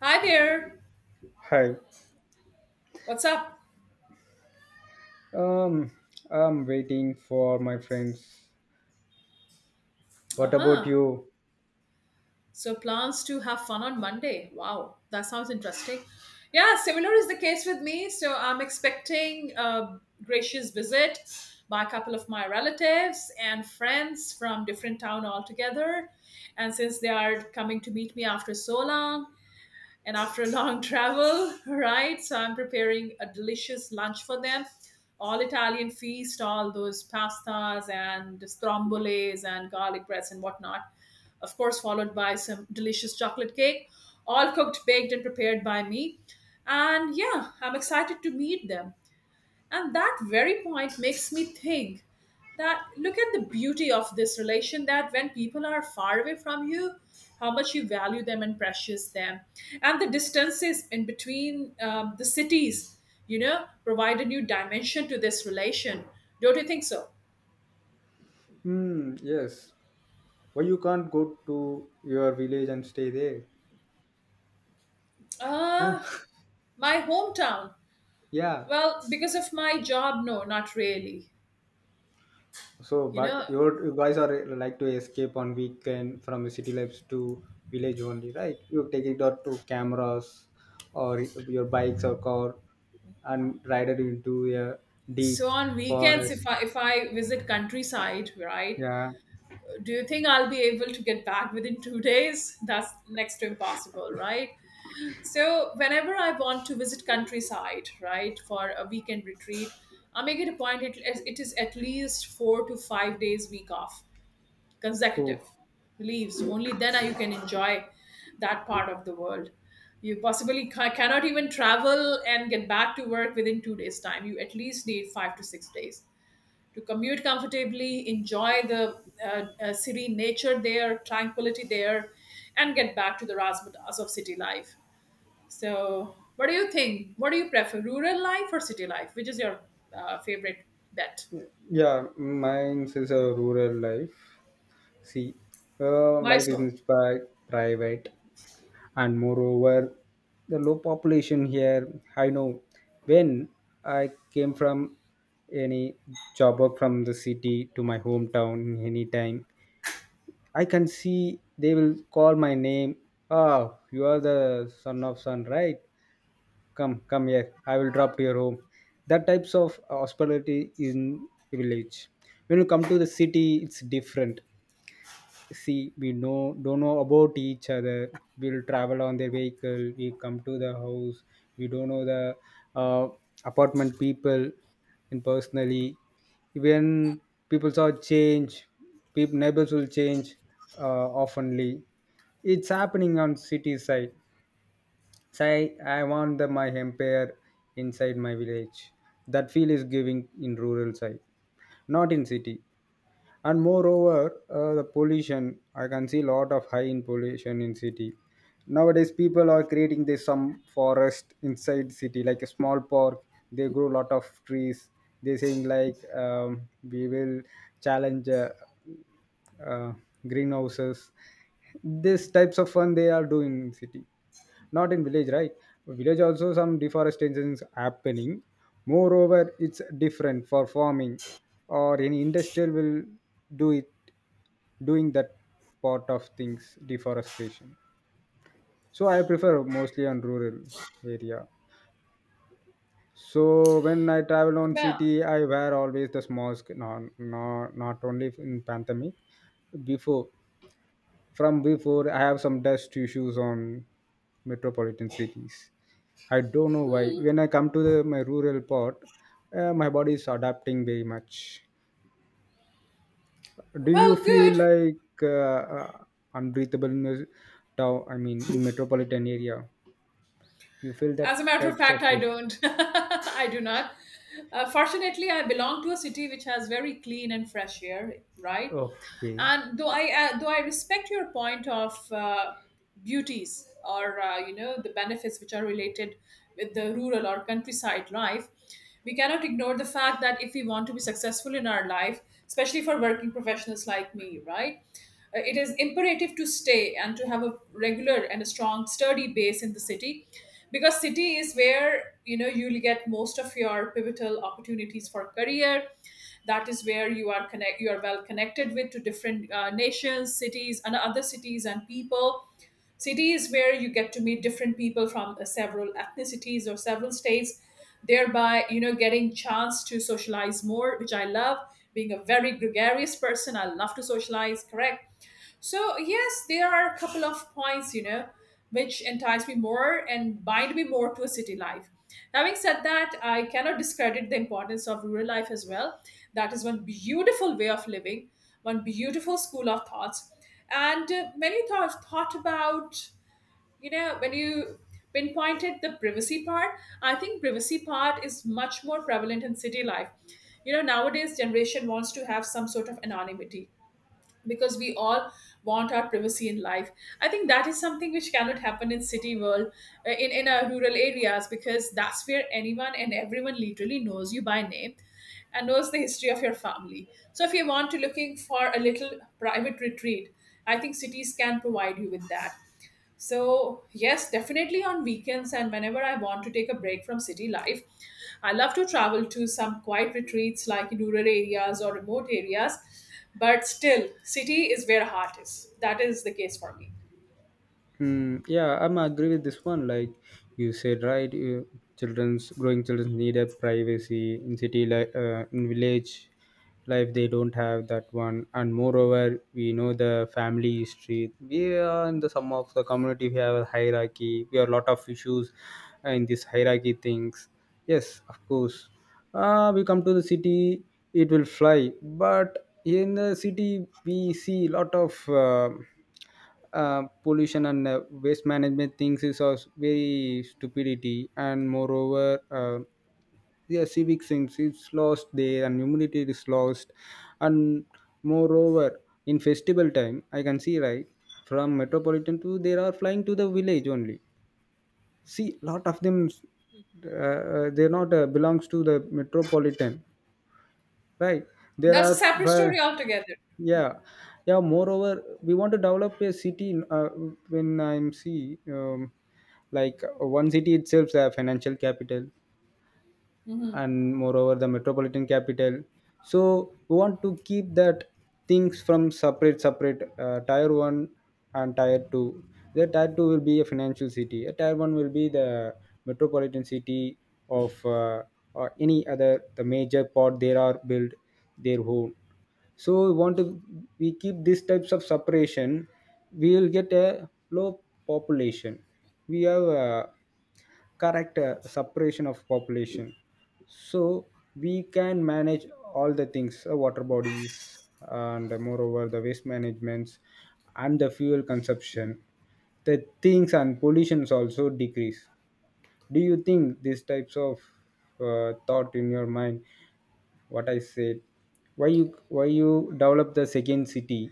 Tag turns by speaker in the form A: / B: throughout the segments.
A: Hi there.
B: Hi.
A: What's up?
B: Um, I'm waiting for my friends.
A: Uh
B: What about
A: huh.
B: you?
A: So, plans to have fun on Monday. Wow, that sounds interesting. Yeah, similar is the case with me. So, I'm expecting a gracious visit by a couple of my relatives and friends from different town altogether. And since they are coming to meet me after so long, and after a long travel, right? So I'm preparing a delicious lunch for them. All Italian feast, all those pastas and stromboles and garlic breads and whatnot. Of course, followed by some delicious chocolate cake, all cooked, baked, and prepared by me. And yeah, I'm excited to meet them. And that very point makes me think that look at the beauty of this relation that when people are far away from you, how much you value them and precious them. And the distances in between the cities, provide a new dimension to this relation. Don't you think so?
B: Yes. Why you can't go to your village and stay there? Huh?
A: Uh, my hometown.
B: Yeah.
A: Well, because of my job, no, not really.
B: So,
A: You
B: but
A: know,
B: you guys are like to escape on weekend from the city lives to village only, right? You take it out to cameras or your bikes or car and ride it into a
A: so
B: deep
A: on weekends,
B: forest.
A: if I visit countryside, right,
B: Yeah.
A: do you think I'll be able to get back within two days? That's next to impossible, right? So, whenever I want to visit countryside, right, for a weekend retreat, I make it a point, it is at least four to five days week off
B: Oh,
A: consecutive leaves. Only then you can enjoy that part of the world. You possibly cannot even travel and get back to work within two days' time. You at least need five to six days to commute comfortably, enjoy the serene nature there, tranquility there, and get back to the razzmatazz of city life. So, what do you think? What do you prefer, rural life or city life? Which is your favorite bet?
B: yeah. Mine is a rural life. See, uh,
A: Why
B: life is
A: so?
B: inspi- private, and moreover, the low population here. I know when I came from any job work from the city to my hometown anytime, I can see they will call my name. Ah, you are the son of son, right? Come, come here. I will drop to your home. That types of hospitality in village. When you come to the city, it's different. See, we know don't know about each other. We'll travel on their vehicle. We come to the house. We don't know the uh, apartment people and personally. Even people saw change, people neighbors will change, uh, oftenly it's happening on city side. Say I want my empire inside my village. That feel is giving in rural side, not in city. And moreover, the pollution, I can see a lot of high in pollution in city. Nowadays people are creating this some forest inside city, like a small park. They grow lot of trees. They saying like, we will challenge, uh, greenhouses. These types of fun they are doing in city, not in village, right? Village also some deforestation is happening. Moreover, it's different for farming or any industrial will do it, doing that part of things, deforestation. So I prefer mostly on rural area. So when I travel on
A: Well,
B: city, I wear always this mask. Not only in pandemic, before. From before, I have some dust issues on metropolitan cities. I don't know why. When I come to my rural part, my body is adapting very much. Do you
A: well, good.
B: feel like uh, uh, unbreathable in the town? I mean, in metropolitan area, you feel
A: As
B: that
A: a matter of
B: types of.
A: fact, I don't. I do not. Fortunately, I belong to a city which has very clean and fresh air, right?
B: Oh, okay.
A: And though I respect your point of beauties or you know the benefits which are related with the rural or countryside life, we cannot ignore the fact that if we want to be successful in our life, especially for working professionals like me, right, it is imperative to stay and to have a regular and a strong sturdy base in the city, because city is where, you know, you'll get most of your pivotal opportunities for career. That is where you are connect you are well connected with to different nations, cities and other cities and people. Cities where you get to meet different people from several ethnicities or several states, thereby, you know, getting chance to socialize more, which I love. Being a very gregarious person, I love to socialize, correct? So yes, there are a couple of points, you know, which entice me more and bind me more to a city life. Having said that, I cannot discredit the importance of rural life as well. That is one beautiful way of living, one beautiful school of thoughts. And when you thought about, you know, when you pinpointed the privacy part, I think privacy part is much more prevalent in city life. You know, nowadays generation wants to have some sort of anonymity because we all want our privacy in life. I think that is something which cannot happen in city world, in our rural areas, because that's where anyone and everyone literally knows you by name and knows the history of your family. So if you want to looking for a little private retreat, I think cities can provide you with that. So, yes, definitely on weekends and whenever I want to take a break from city life, I love to travel to some quiet retreats like in rural areas or remote areas. But still, city is where heart is. That is the case for me.
B: Yeah, I'm agree with this one. Like you said, right? Children's growing children need a privacy in city, like, in village life, they don't have that one. And moreover, we know the family history. We are in the some of the community. We have a hierarchy. We have a lot of issues, in this hierarchy things. Yes, of course. We come to the city, it will fly. But in the city, we see lot of. Pollution and waste management things is also very stupidity. And moreover, uh, yeah, civic sense is lost there and humility is lost. And moreover, in festival time, I can see, right, from metropolitan to they are flying to the village only. See, lot of them, they're not belongs to the metropolitan, right? there
A: That's a
B: are
A: separate
B: fr-
A: story altogether.
B: yeah.
A: Hmm.
B: Yeah, moreover, we want to develop a city. When I'm see, like, one city itself a financial capital
A: Mm-hmm.
B: and moreover the metropolitan capital. So we want to keep that things from separate, tier 1 and tier 2. The tier 2 will be a financial city, a tier 1 will be the metropolitan city of, or any other the major part, there are built their own. So we want to, we keep these types of separation, we will get a low population. We have, correct, separation of population, so we can manage all the things, water bodies, and, moreover, the waste managements and the fuel consumption, the things, and pollutions also decrease. Do you think these types of thought in your mind, what I said? Why you why you develop the second city?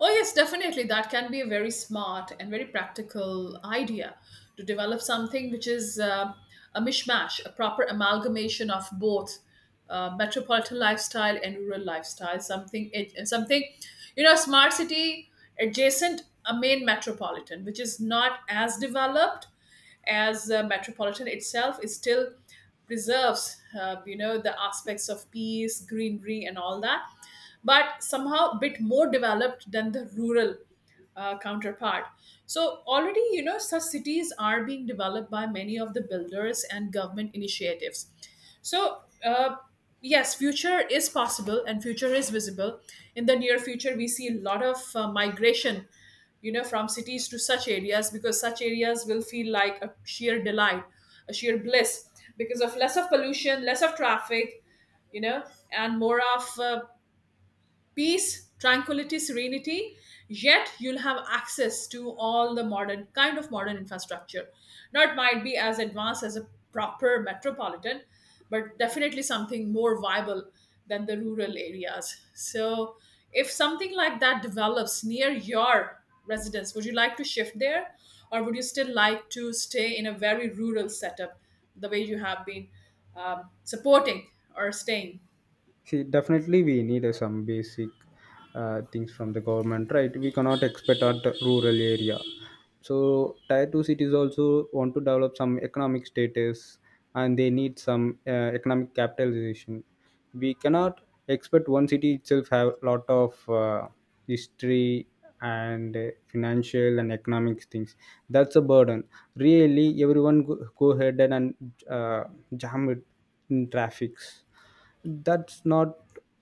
A: Oh, yes, definitely. That can be a very smart and very practical idea to develop something which is a mishmash, a proper amalgamation of both metropolitan lifestyle and rural lifestyle. Something, and something, you know, smart city adjacent a main metropolitan, which is not as developed as metropolitan itself, is still preserves you know the aspects of peace, greenery and all that, but somehow a bit more developed than the rural counterpart. So already, you know, such cities are being developed by many of the builders and government initiatives. So yes, future is possible and future is visible. In the near future, we see a lot of migration, you know, from cities to such areas, because such areas will feel like a sheer delight, a sheer bliss, because of less of pollution, less of traffic, you know, and more of peace, tranquility, serenity, yet you'll have access to all the modern kind of modern infrastructure. Now it might be as advanced as a proper metropolitan, but definitely something more viable than the rural areas. So if something like that develops near your residence, would you like to shift there? Or would you still like to stay in a very rural setup the way you have been supporting or staying?
B: See, definitely we need some basic things from the government, right? We cannot expect at the rural area. So tier two cities also want to develop some economic status, and they need some economic capitalization. We cannot expect one city itself have a lot of, history and, financial and economic things. That's a burden. Really, everyone go ahead and uh, jam it in traffics. That's not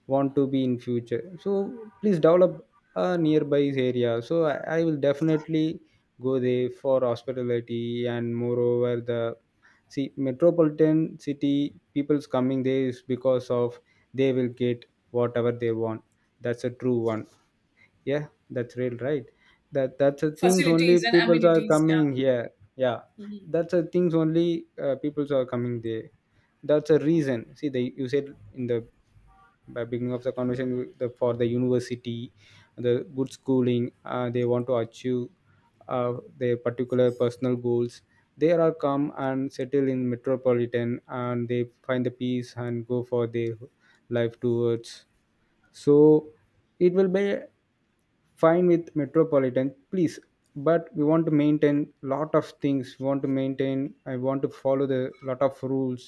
B: want to be in future. So please develop a nearby area. So I will definitely go there for hospitality. And moreover, the see metropolitan city people's coming there is because of they will get whatever they want. That's a true one. Yeah, that's real, right? That's the things only
A: Facilities and
B: people are
A: amenities, yeah.
B: coming here. Yeah,
A: Mm-hmm.
B: that's the things only people are coming there. That's a reason. See, the you said in the by beginning of the conversation, the, for the university, the good schooling, they want to achieve their particular personal goals. They are come and settle in metropolitan and they find the peace and go for their life towards. So it will be fine with metropolitan, please. But we want to maintain lot of things. We want to maintain, I want to follow the lot of rules.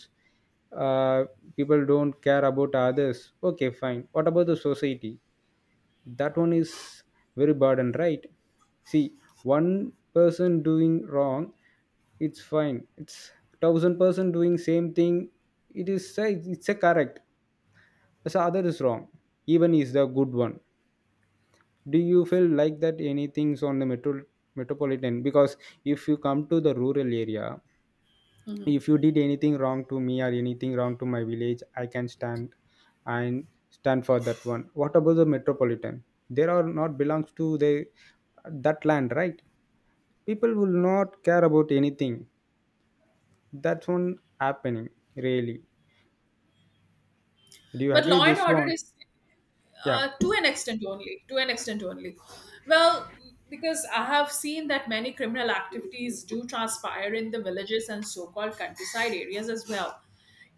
B: uh, People don't care about others. Okay, fine, what about the society? That one is very burden, right? See, one person doing wrong, it's fine. It's Thousand person doing same thing, it is it's a correct. So other is wrong, even is the good one. Do you feel like that anything's on the metropolitan? Because if you come to the rural area, if you did anything wrong to me or anything wrong to my village, I can stand and stand for that one. What about the metropolitan? There are not belongs to the that land, right? People will not care about anything. That's one happening, really. Do you
A: But
B: agree
A: Law and
B: this
A: Order
B: one?
A: is
B: Yeah.
A: to an extent only. To an extent only. Well, because I have seen that many criminal activities do transpire in the villages and so-called countryside areas as well.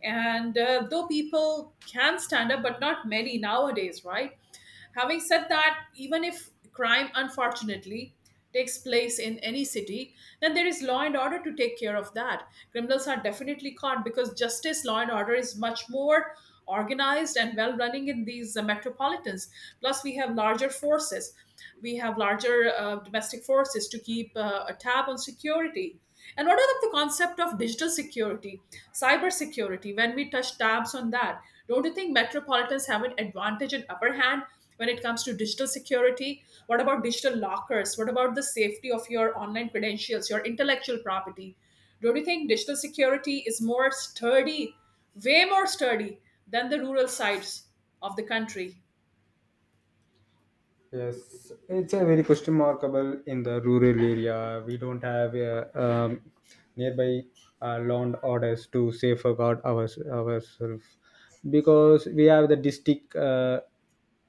A: And though people can stand up, but not many nowadays, right? Having said that, even if crime unfortunately takes place in any city, then there is law and order to take care of that. Criminals are definitely caught because justice, law and order is much more organized and well running in these metropolitans. Plus, we have larger forces. We have larger domestic forces to keep a tab on security. And what about the concept of digital security, cyber security? When we touch tabs on that, don't you think metropolitans have an advantage and upper hand when it comes to digital security? What about digital lockers? What about the safety of your online credentials, your intellectual property? Don't you think digital security is more sturdy, way more sturdy than the rural sides of the country?
B: Yes, it's a very question markable in the rural area. We don't have a, nearby land orders to safeguard ourselves, because we have the district, uh,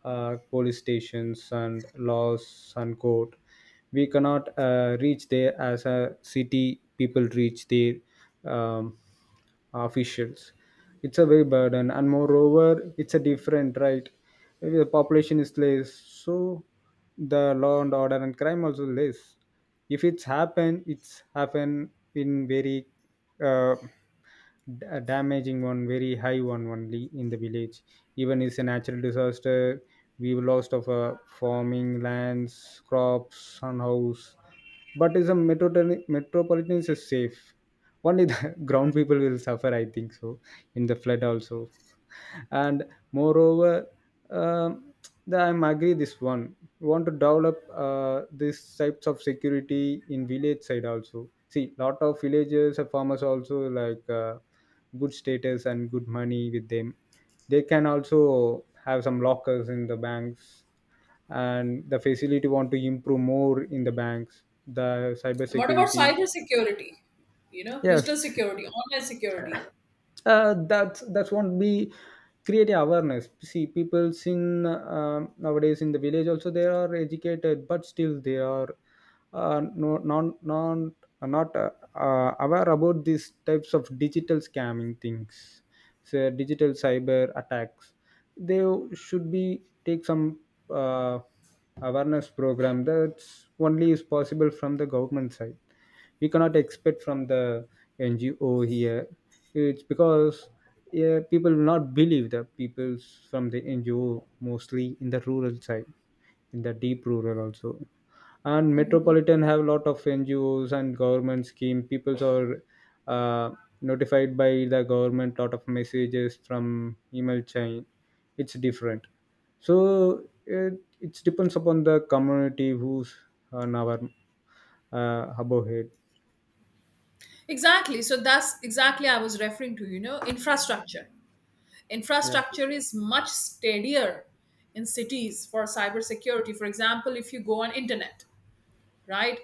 B: uh, police stations and laws and court. We cannot reach there as a city people reach there. Um, officials. It's a very burden, and moreover, it's a different, right. If the population is less, so the law and order and crime also less. If it's happened, it's happened in very, uh, damaging one, very high one only in the village. Even it's a natural disaster, we've lost of, farming lands, crops, and house. But is a metropolitan is safe, only the ground people will suffer, I think so, in the flood also. And moreover, um, I'm agree this one. We want to develop, these types of security in village side also. See, lot of villagers and farmers also like, good status and good money with them. They can also have some lockers in the banks, and the facility want to improve more in the banks, the cyber
A: And what about
B: security.
A: cyber security? You know,
B: Yes,
A: digital security, online security.
B: that's won't be, create a awareness. See, peoples in, nowadays, in the village also they are educated, but still they are, no non non are not aware about these types of digital scamming things. So digital cyber attacks, they should be take some uh, awareness program. That's only is possible from the government side. We cannot expect from the NGO here. It's because, yeah, people will not believe the people from the NGO mostly in the rural side, in the deep rural also. And
A: Mhm.
B: metropolitan have a lot of NGOs and government scheme. People are uh, notified by the government, lot of messages from email chain. It's different. So it depends upon the community who's on our above head.
A: Exactly. So that's exactly I was referring to, you know, infrastructure.
B: Yeah.
A: Infrastructure is much steadier in cities for cybersecurity. For example, if you go on internet, right?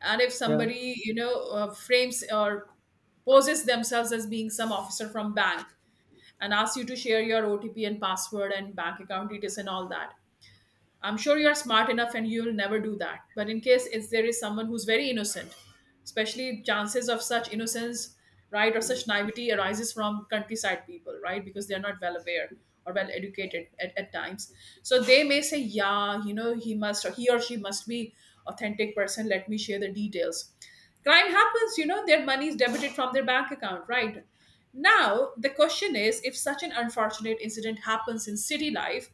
A: And if
B: Yeah.
A: somebody, you know, frames or poses themselves as being some officer from bank and asks you to share your OTP and password and bank account details and all that. I'm sure you're smart enough and you'll never do that. But in case if there is someone who's very innocent, especially chances of such innocence, right, or such naivety arises from countryside people, right, because they're not well aware or well educated at times. So they may say, yeah, you know, he must or he or she must be authentic person. Let me share the details. Crime happens, you know, their money is debited from their bank account, right? Now, the question is if such an unfortunate incident happens in city life,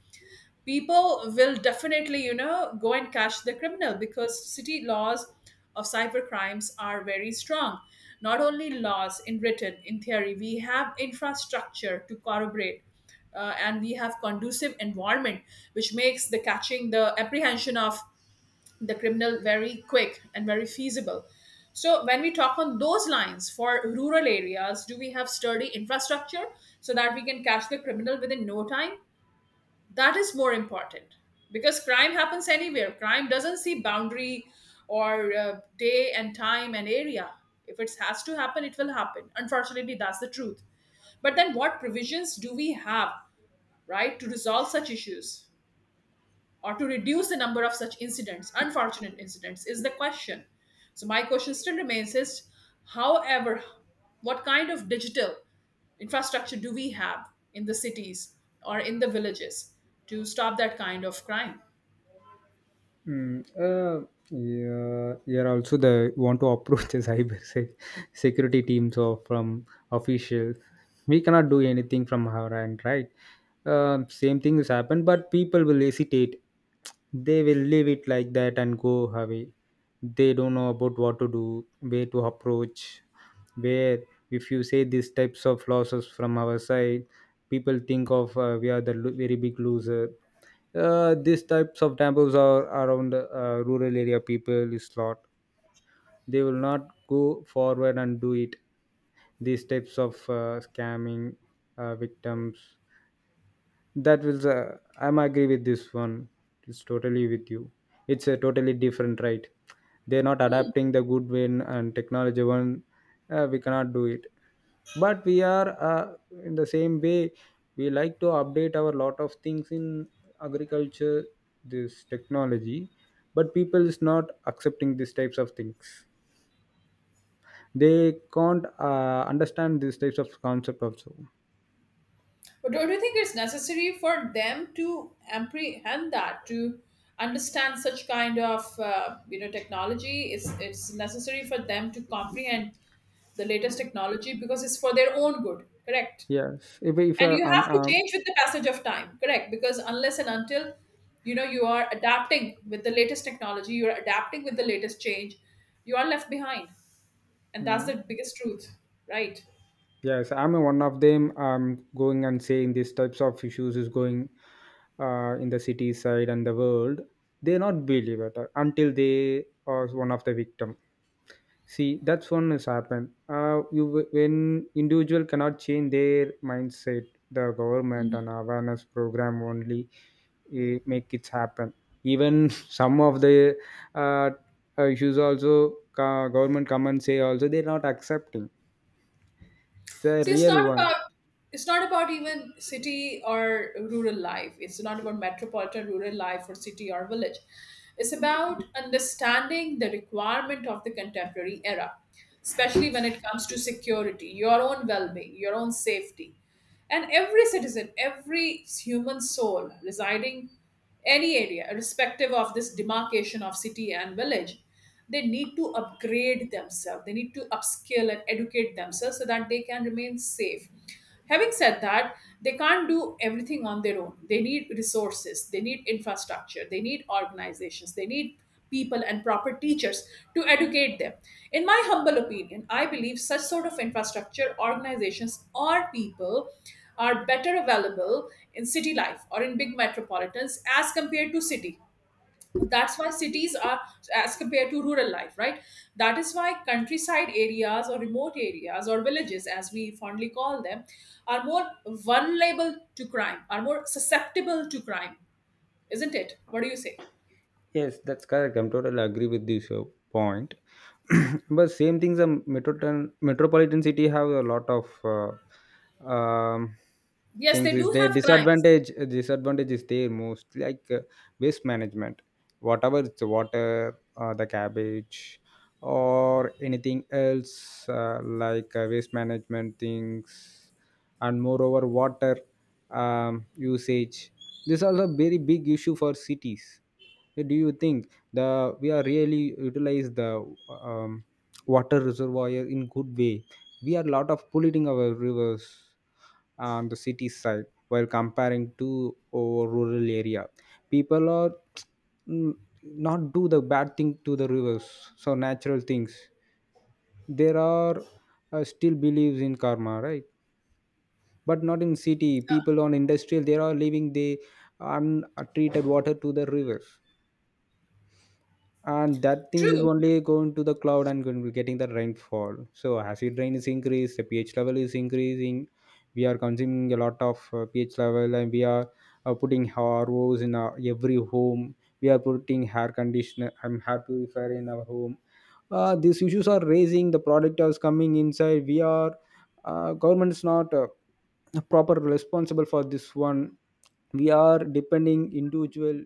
A: people will definitely, you know, go and catch the criminal, because city laws of cyber crimes are very strong. Not only laws in written in theory, we have infrastructure to corroborate, and we have conducive environment which makes the catching, the apprehension of the criminal very quick and very feasible. So when we talk on those lines for rural areas, do we have sturdy infrastructure so that we can catch the criminal within no time? That is more important, because crime happens anywhere, crime doesn't see boundary or day and time and area. If it has to happen, it will happen, unfortunately, that's the truth. But then what provisions do we have, right, to resolve such issues or to reduce the number of such incidents, unfortunate incidents, is the question. So my question still remains is, however, what kind of digital infrastructure do we have in the cities or in the villages to stop that kind of crime?
B: Yeah, yeah. Also, the want to approach the security teams or from officials. We cannot do anything from our end, right? Same thing has happened, but people will hesitate. They will leave it like that and go away. They don't know about what to do, where to approach, where. If you say these types of losses from our side, people think of, we are the very big loser. These types of temples are around, rural area people is lot. They will not go forward and do it, these types of, scamming, victims. That will, I'm agree with this one. It's totally with you. It's a totally different, right? They're not
A: Hmm.
B: adapting the good win and technology one. We cannot do it. But we are, in the same way, we like to update our lot of things in agriculture, this technology. But people is not accepting these types of things. They can't understand these types of concept also.
A: But don't you think it's necessary for them to apprehend that, to understand such kind of you know technology? It's necessary for them to comprehend the latest technology because it's for their own good. Correct.
B: Yes, if
A: And you have to change with the passage of time, correct, because unless and until, you know, you are adapting with the latest technology, you're adapting with the latest change, you are left behind, and that's
B: mm.
A: the biggest truth, right?
B: Yes, I'm a one of them. I'm going and saying these types of issues is going in the city side and the world. They not believe it until they are one of the victim. See, that's one has happened. You when individual cannot change their mindset, the government and awareness program only make it happen. Even some of the uh, issues also government come and say also they're not accepting. It's a
A: See, it's
B: real
A: not
B: one.
A: about, it's not about even city or rural life. It's not about metropolitan rural life or city or village. It's about understanding the requirement of the contemporary era, especially when it comes to security, your own well-being, your own safety. And every citizen, every human soul residing any area, irrespective of this demarcation of city and village, they need to upgrade themselves. They need to upskill and educate themselves so that they can remain safe. Having said that, they can't do everything on their own. They need resources, they need infrastructure, they need organizations, they need people and proper teachers to educate them. In my humble opinion, I believe such sort of infrastructure, organizations, or people are better available in city life or in big metropolitans as compared to city, that's why cities are, as compared to rural life, right? That is why countryside areas or remote areas or villages, as we fondly call them, are more vulnerable to crime, are more susceptible to crime, isn't it? What do you say?
B: Yes, that's correct. I'm totally agree with this point. But same things, a metropolitan city have a lot of uh, um,
A: Yes, they
B: things. Is
A: do
B: their
A: have crimes.
B: disadvantage? Disadvantage is there most like waste management, whatever it's water, the cabbage, or anything else like waste management things, and moreover water usage. These are a very big issue for cities. Do you think the we are really utilize the um, water reservoir in good way? We are lot of polluting our rivers on the city side while comparing to our rural area. People are mm, not do the bad thing to the rivers, so natural things. There are still believes in karma, right? But not in city people on industrial they are leaving the untreated water to the rivers, and that things is
A: True.
B: only going to the cloud and going to getting the rainfall, so acid rain is increased, the ph level is increasing. We are consuming a lot of ph level, and we are putting ros in our, every home. We are putting hair conditioner and hair purifier in our home. These issues are raising, the product is coming inside. We are government is not proper responsible for this one. We are depending individual,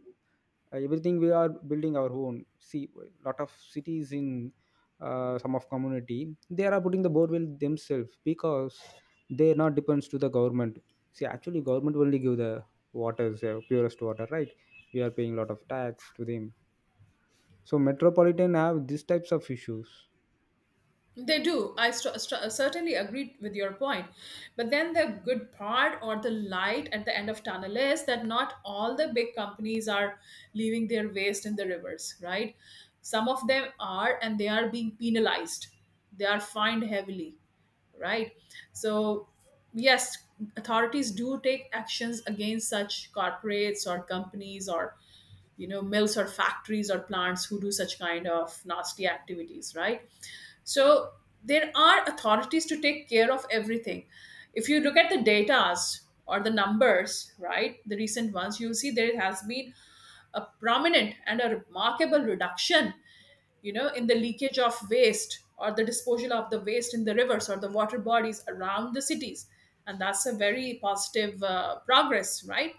B: everything we are building our own. See, lot of cities in some of community, they are putting the borewell themselves because they are not depends to the government. See, actually government only give the waters, purest water, right? We are paying lot of tax to them. So metropolitan have these types of issues.
A: They do. I certainly agree with your point. But then the good part or the light at the end of tunnel is that not all the big companies are leaving their waste in the rivers, right? Some of them are, and they are being penalized. They are fined heavily, right? So, yes, authorities do take actions against such corporates or companies or, you know, mills or factories or plants who do such kind of nasty activities, right? So there are authorities to take care of everything. If you look at the datas or the numbers, right, the recent ones, you'll see there has been a prominent and a remarkable reduction, you know, in the leakage of waste or the disposal of the waste in the rivers or the water bodies around the cities, and that's a very positive progress, right?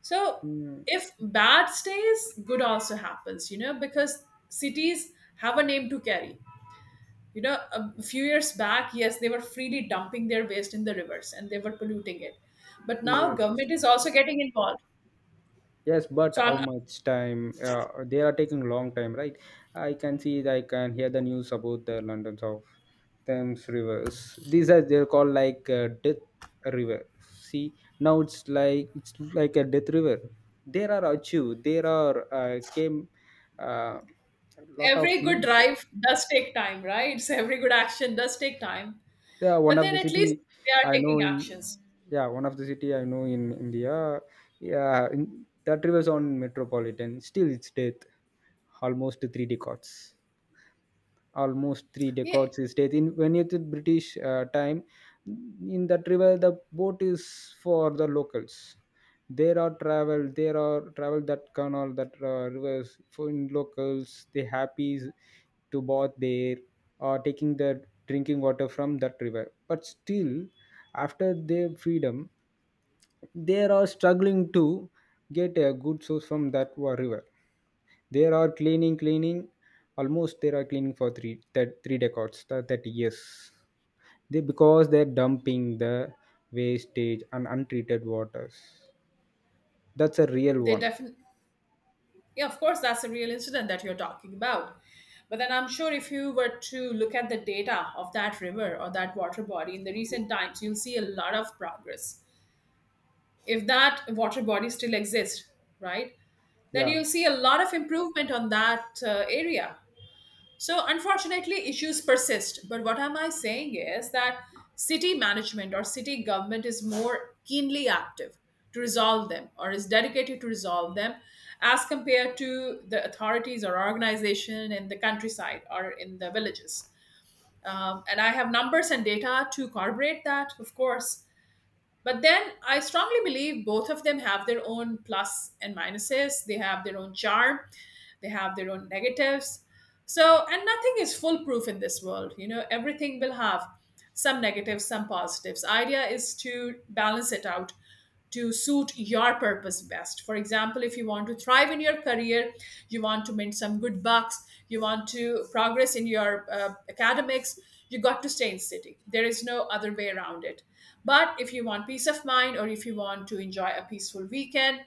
A: So
B: Mm,
A: if bad stays, good also happens, you know, because cities have a name to carry. You know, a few years back, yes, they were freely dumping their waste in the rivers and they were polluting it. But now
B: yes.
A: government is also getting involved.
B: Yes, but
A: So
B: how
A: I'm,
B: much time? They are taking long time, right? I can see, I can hear the news about the London's of Thames rivers. These are they're called like death river. See, now it's like a death river. There are Achu, there are came uh, lot of
A: every good drive does take time, right? So every good action does take time.
B: yeah one
A: But
B: of
A: then
B: the
A: at least
B: city
A: they are
B: I know
A: taking
B: in
A: actions.
B: yeah one of the city I know in india yeah in, that relies on metropolitan still it's death almost three decades, almost three
A: Yeah,
B: decades is death in when it is british time. In that river the boat is for the locals, there are travel that canal that rivers for in locals they happy to bath there or taking the drinking water from that river. But still after their freedom they are struggling to get a good source from that river. There are cleaning, cleaning, almost there are cleaning for three, that three decades, th- 30 years. They, because they're dumping the wastage and untreated waters. That's a real
A: they
B: one.
A: definitely. Yeah, of course, that's a real incident that you're talking about. But then I'm sure if you were to look at the data of that river or that water body in the recent times, you'll see a lot of progress. If that water body still exists, right, then
B: Yeah.
A: you'll see a lot of improvement on that area. So, unfortunately, issues persist. But what am I saying is that city management or city government is more keenly active to resolve them or is dedicated to resolve them as compared to the authorities or organization in the countryside or in the villages. And I have numbers and data to corroborate that, of course, but then I strongly believe both of them have their own plus and minuses. They have their own charm, they have their own negatives. So and nothing is foolproof in this world, you know, everything will have some negatives, some positives. Idea is to balance it out to suit your purpose best. For example, if you want to thrive in your career, you want to mint some good bucks, you want to progress in your academics, you got to stay in city. There is no other way around it. But if you want peace of mind or if you want to enjoy a peaceful weekend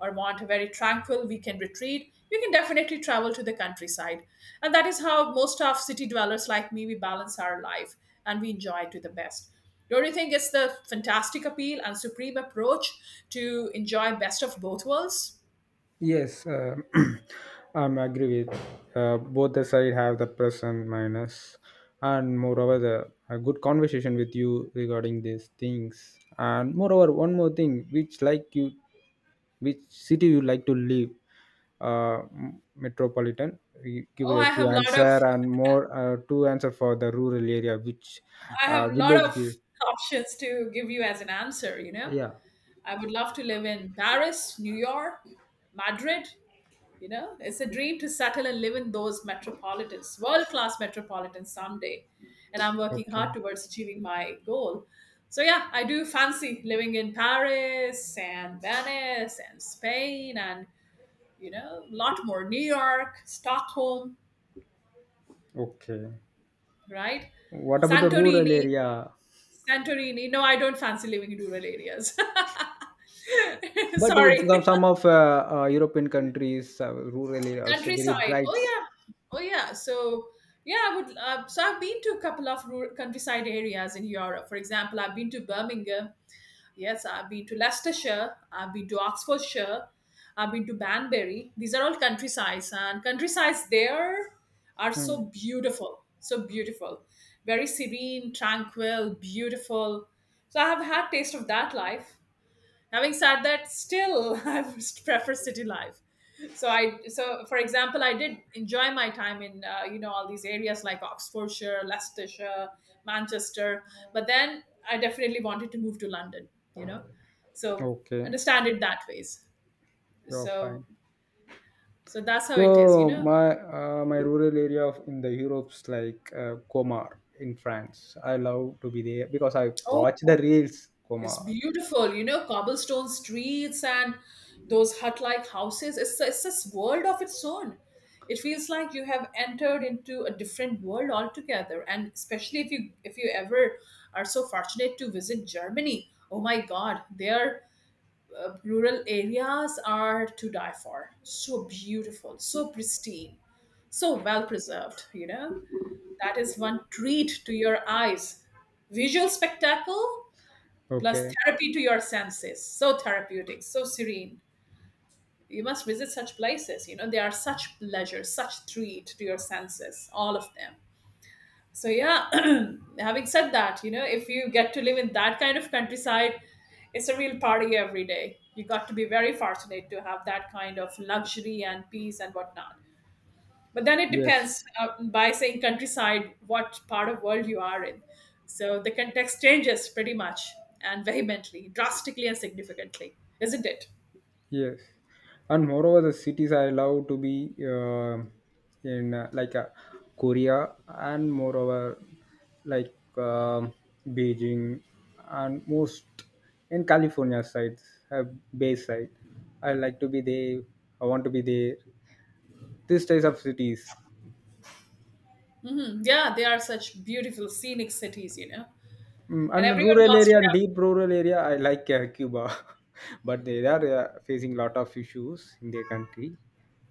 A: or want a very tranquil weekend retreat, you can definitely travel to the countryside. And that is how most of city dwellers like me, we balance our life and we enjoy it to the best. Don't you think it's the fantastic appeal and supreme approach to enjoy best of both worlds?
B: Yes, I'm agree with both the side have the plus and minus, and moreover the a good conversation with you regarding these things, and moreover one more thing which like you, which city you like to live, metropolitan. You give
A: Oh,
B: a two answer and more two answer for the rural area which
A: I have lot
B: village give.
A: of options to give you as an answer, you know.
B: Yeah.
A: I would love to live in Paris, New York, Madrid, you know. It's a dream to settle and live in those metropolitans, world-class metropolitans someday. And I'm working hard
B: Okay.
A: towards achieving my goal. So yeah, I do fancy living in Paris and Venice and Spain and, you know, a lot more. New York, Stockholm,
B: Okay.
A: right?
B: What about the rural
A: Santorini,
B: area?
A: Santorini. No, I don't fancy living in rural areas.
B: But it's some
A: Sorry.
B: some of European countries, rurally also very
A: Countryside. Oh
B: bright.
A: yeah. Oh yeah. So yeah, I would. So I've been to a couple of rural countryside areas in Europe. For example, I've been to Birmingham. Yes, I've been to Leicestershire, I've been to Oxfordshire, I've been to Banbury. These are all countrysides, and countrysides there are
B: Hmm.
A: so beautiful, very serene, tranquil, beautiful. So I have had taste of that life, having said that, still I would prefer city life. So for example, I did enjoy my time in you know, all these areas like Oxfordshire, Leicestershire, Manchester, but then I definitely wanted to move to London, you know. So
B: Okay,
A: understand it that ways.
B: you're
A: So
B: fine.
A: so that's how it is, you
B: So
A: know.
B: my my rural area of, in the Europe's like Comar in France. I love to be there because I watch the reels
A: It's
B: Comar.
A: beautiful, you know, cobblestone streets and those hut like houses. It's this world of its own. It feels like you have entered into a different world altogether. And especially if you ever are so fortunate to visit Germany, oh my God, their rural areas are to die for. So beautiful, so pristine, so well preserved. You know, that is one treat to your eyes. Visual spectacle plus
B: Okay.
A: therapy to your senses, so therapeutic, so serene. You must visit such places, you know, they are such pleasure, such treat to your senses, all of them. So yeah. Having said that, you know, if you get to live in that kind of countryside, it's a real party every day. You got to be very fortunate to have that kind of luxury and peace and whatnot. But then it
B: Yes.
A: depends, by saying countryside, what part of world you are in. So the context changes pretty much and vehemently, drastically and significantly, isn't it?
B: Yes, and moreover, the cities I love to be in like Korea, and moreover, like Beijing, and most in California sides, uh, Bay side. I like to be there. I want to be there. These types of cities,
A: Mhm. Yeah, they are such beautiful scenic cities, you know,
B: mm,
A: and
B: and
A: everyone
B: rural
A: wants to
B: area and
A: have.
B: deep rural area. I like Cuba, but they are facing lot of issues in their country.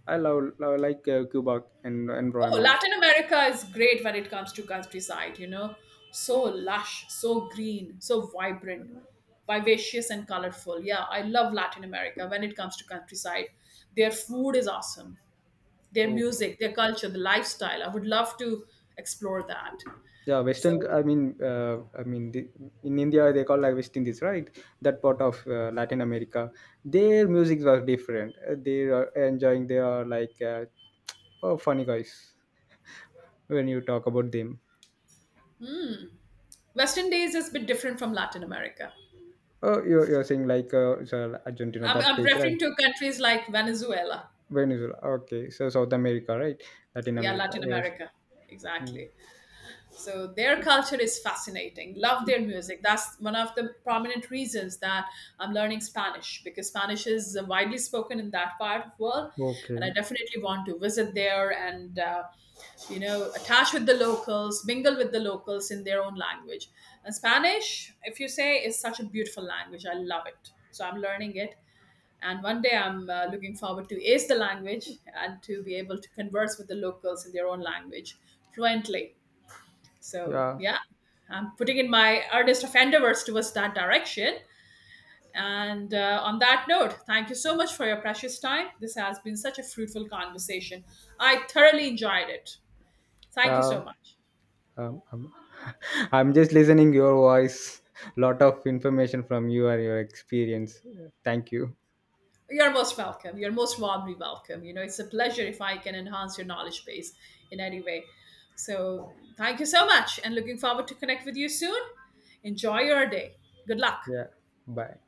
B: I love, love like Cuba and
A: Oh,
B: environment.
A: Latin America is great when it comes to countryside, you know, so lush, so green, so vibrant, vivacious and colorful. Yeah, I love Latin America when it comes to countryside. Their food is awesome, their
B: Okay.
A: music, their culture, the lifestyle. I would love to explore that.
B: Yeah, Western.
A: So
B: I mean, the, in India they call like West Indies, right? That part of Latin America, their music was different. They are enjoying. They are like oh, funny guys when you talk about them.
A: Western days is a bit different from Latin America.
B: Oh, you're saying like so Argentina,
A: I'm,
B: that
A: I'm
B: place, right?
A: referring to countries like Venezuela.
B: Venezuela. Okay, so South America, right? Latin
A: Yeah,
B: America.
A: Latin
B: Yes.
A: America.
B: Mm.
A: Exactly. So their culture is fascinating. Love their music. That's one of the prominent reasons that I'm learning Spanish, because Spanish is widely spoken in that part of the world,
B: Okay.
A: and I definitely want to visit there and you know, attach with the locals, mingle with the locals in their own language. And Spanish, if you say, is such a beautiful language. I love it. So I'm learning it, and one day I'm looking forward to ace the language and to be able to converse with the locals in their own language fluently. So
B: Yeah.
A: yeah, I'm putting in my earnest of endeavors towards that direction. And on that note, thank you so much for your precious time. This has been such a fruitful conversation. I thoroughly enjoyed it. Thank you
B: Yeah.
A: so much.
B: Um, I'm, I'm just listening your voice. Lot of information from you and your experience. Thank you.
A: You're most welcome. You're most warmly welcome. You know, it's a pleasure if I can enhance your knowledge base in any way. So thank you so much and looking forward to connect with you soon. Enjoy your day. Good luck.
B: Yeah. Bye.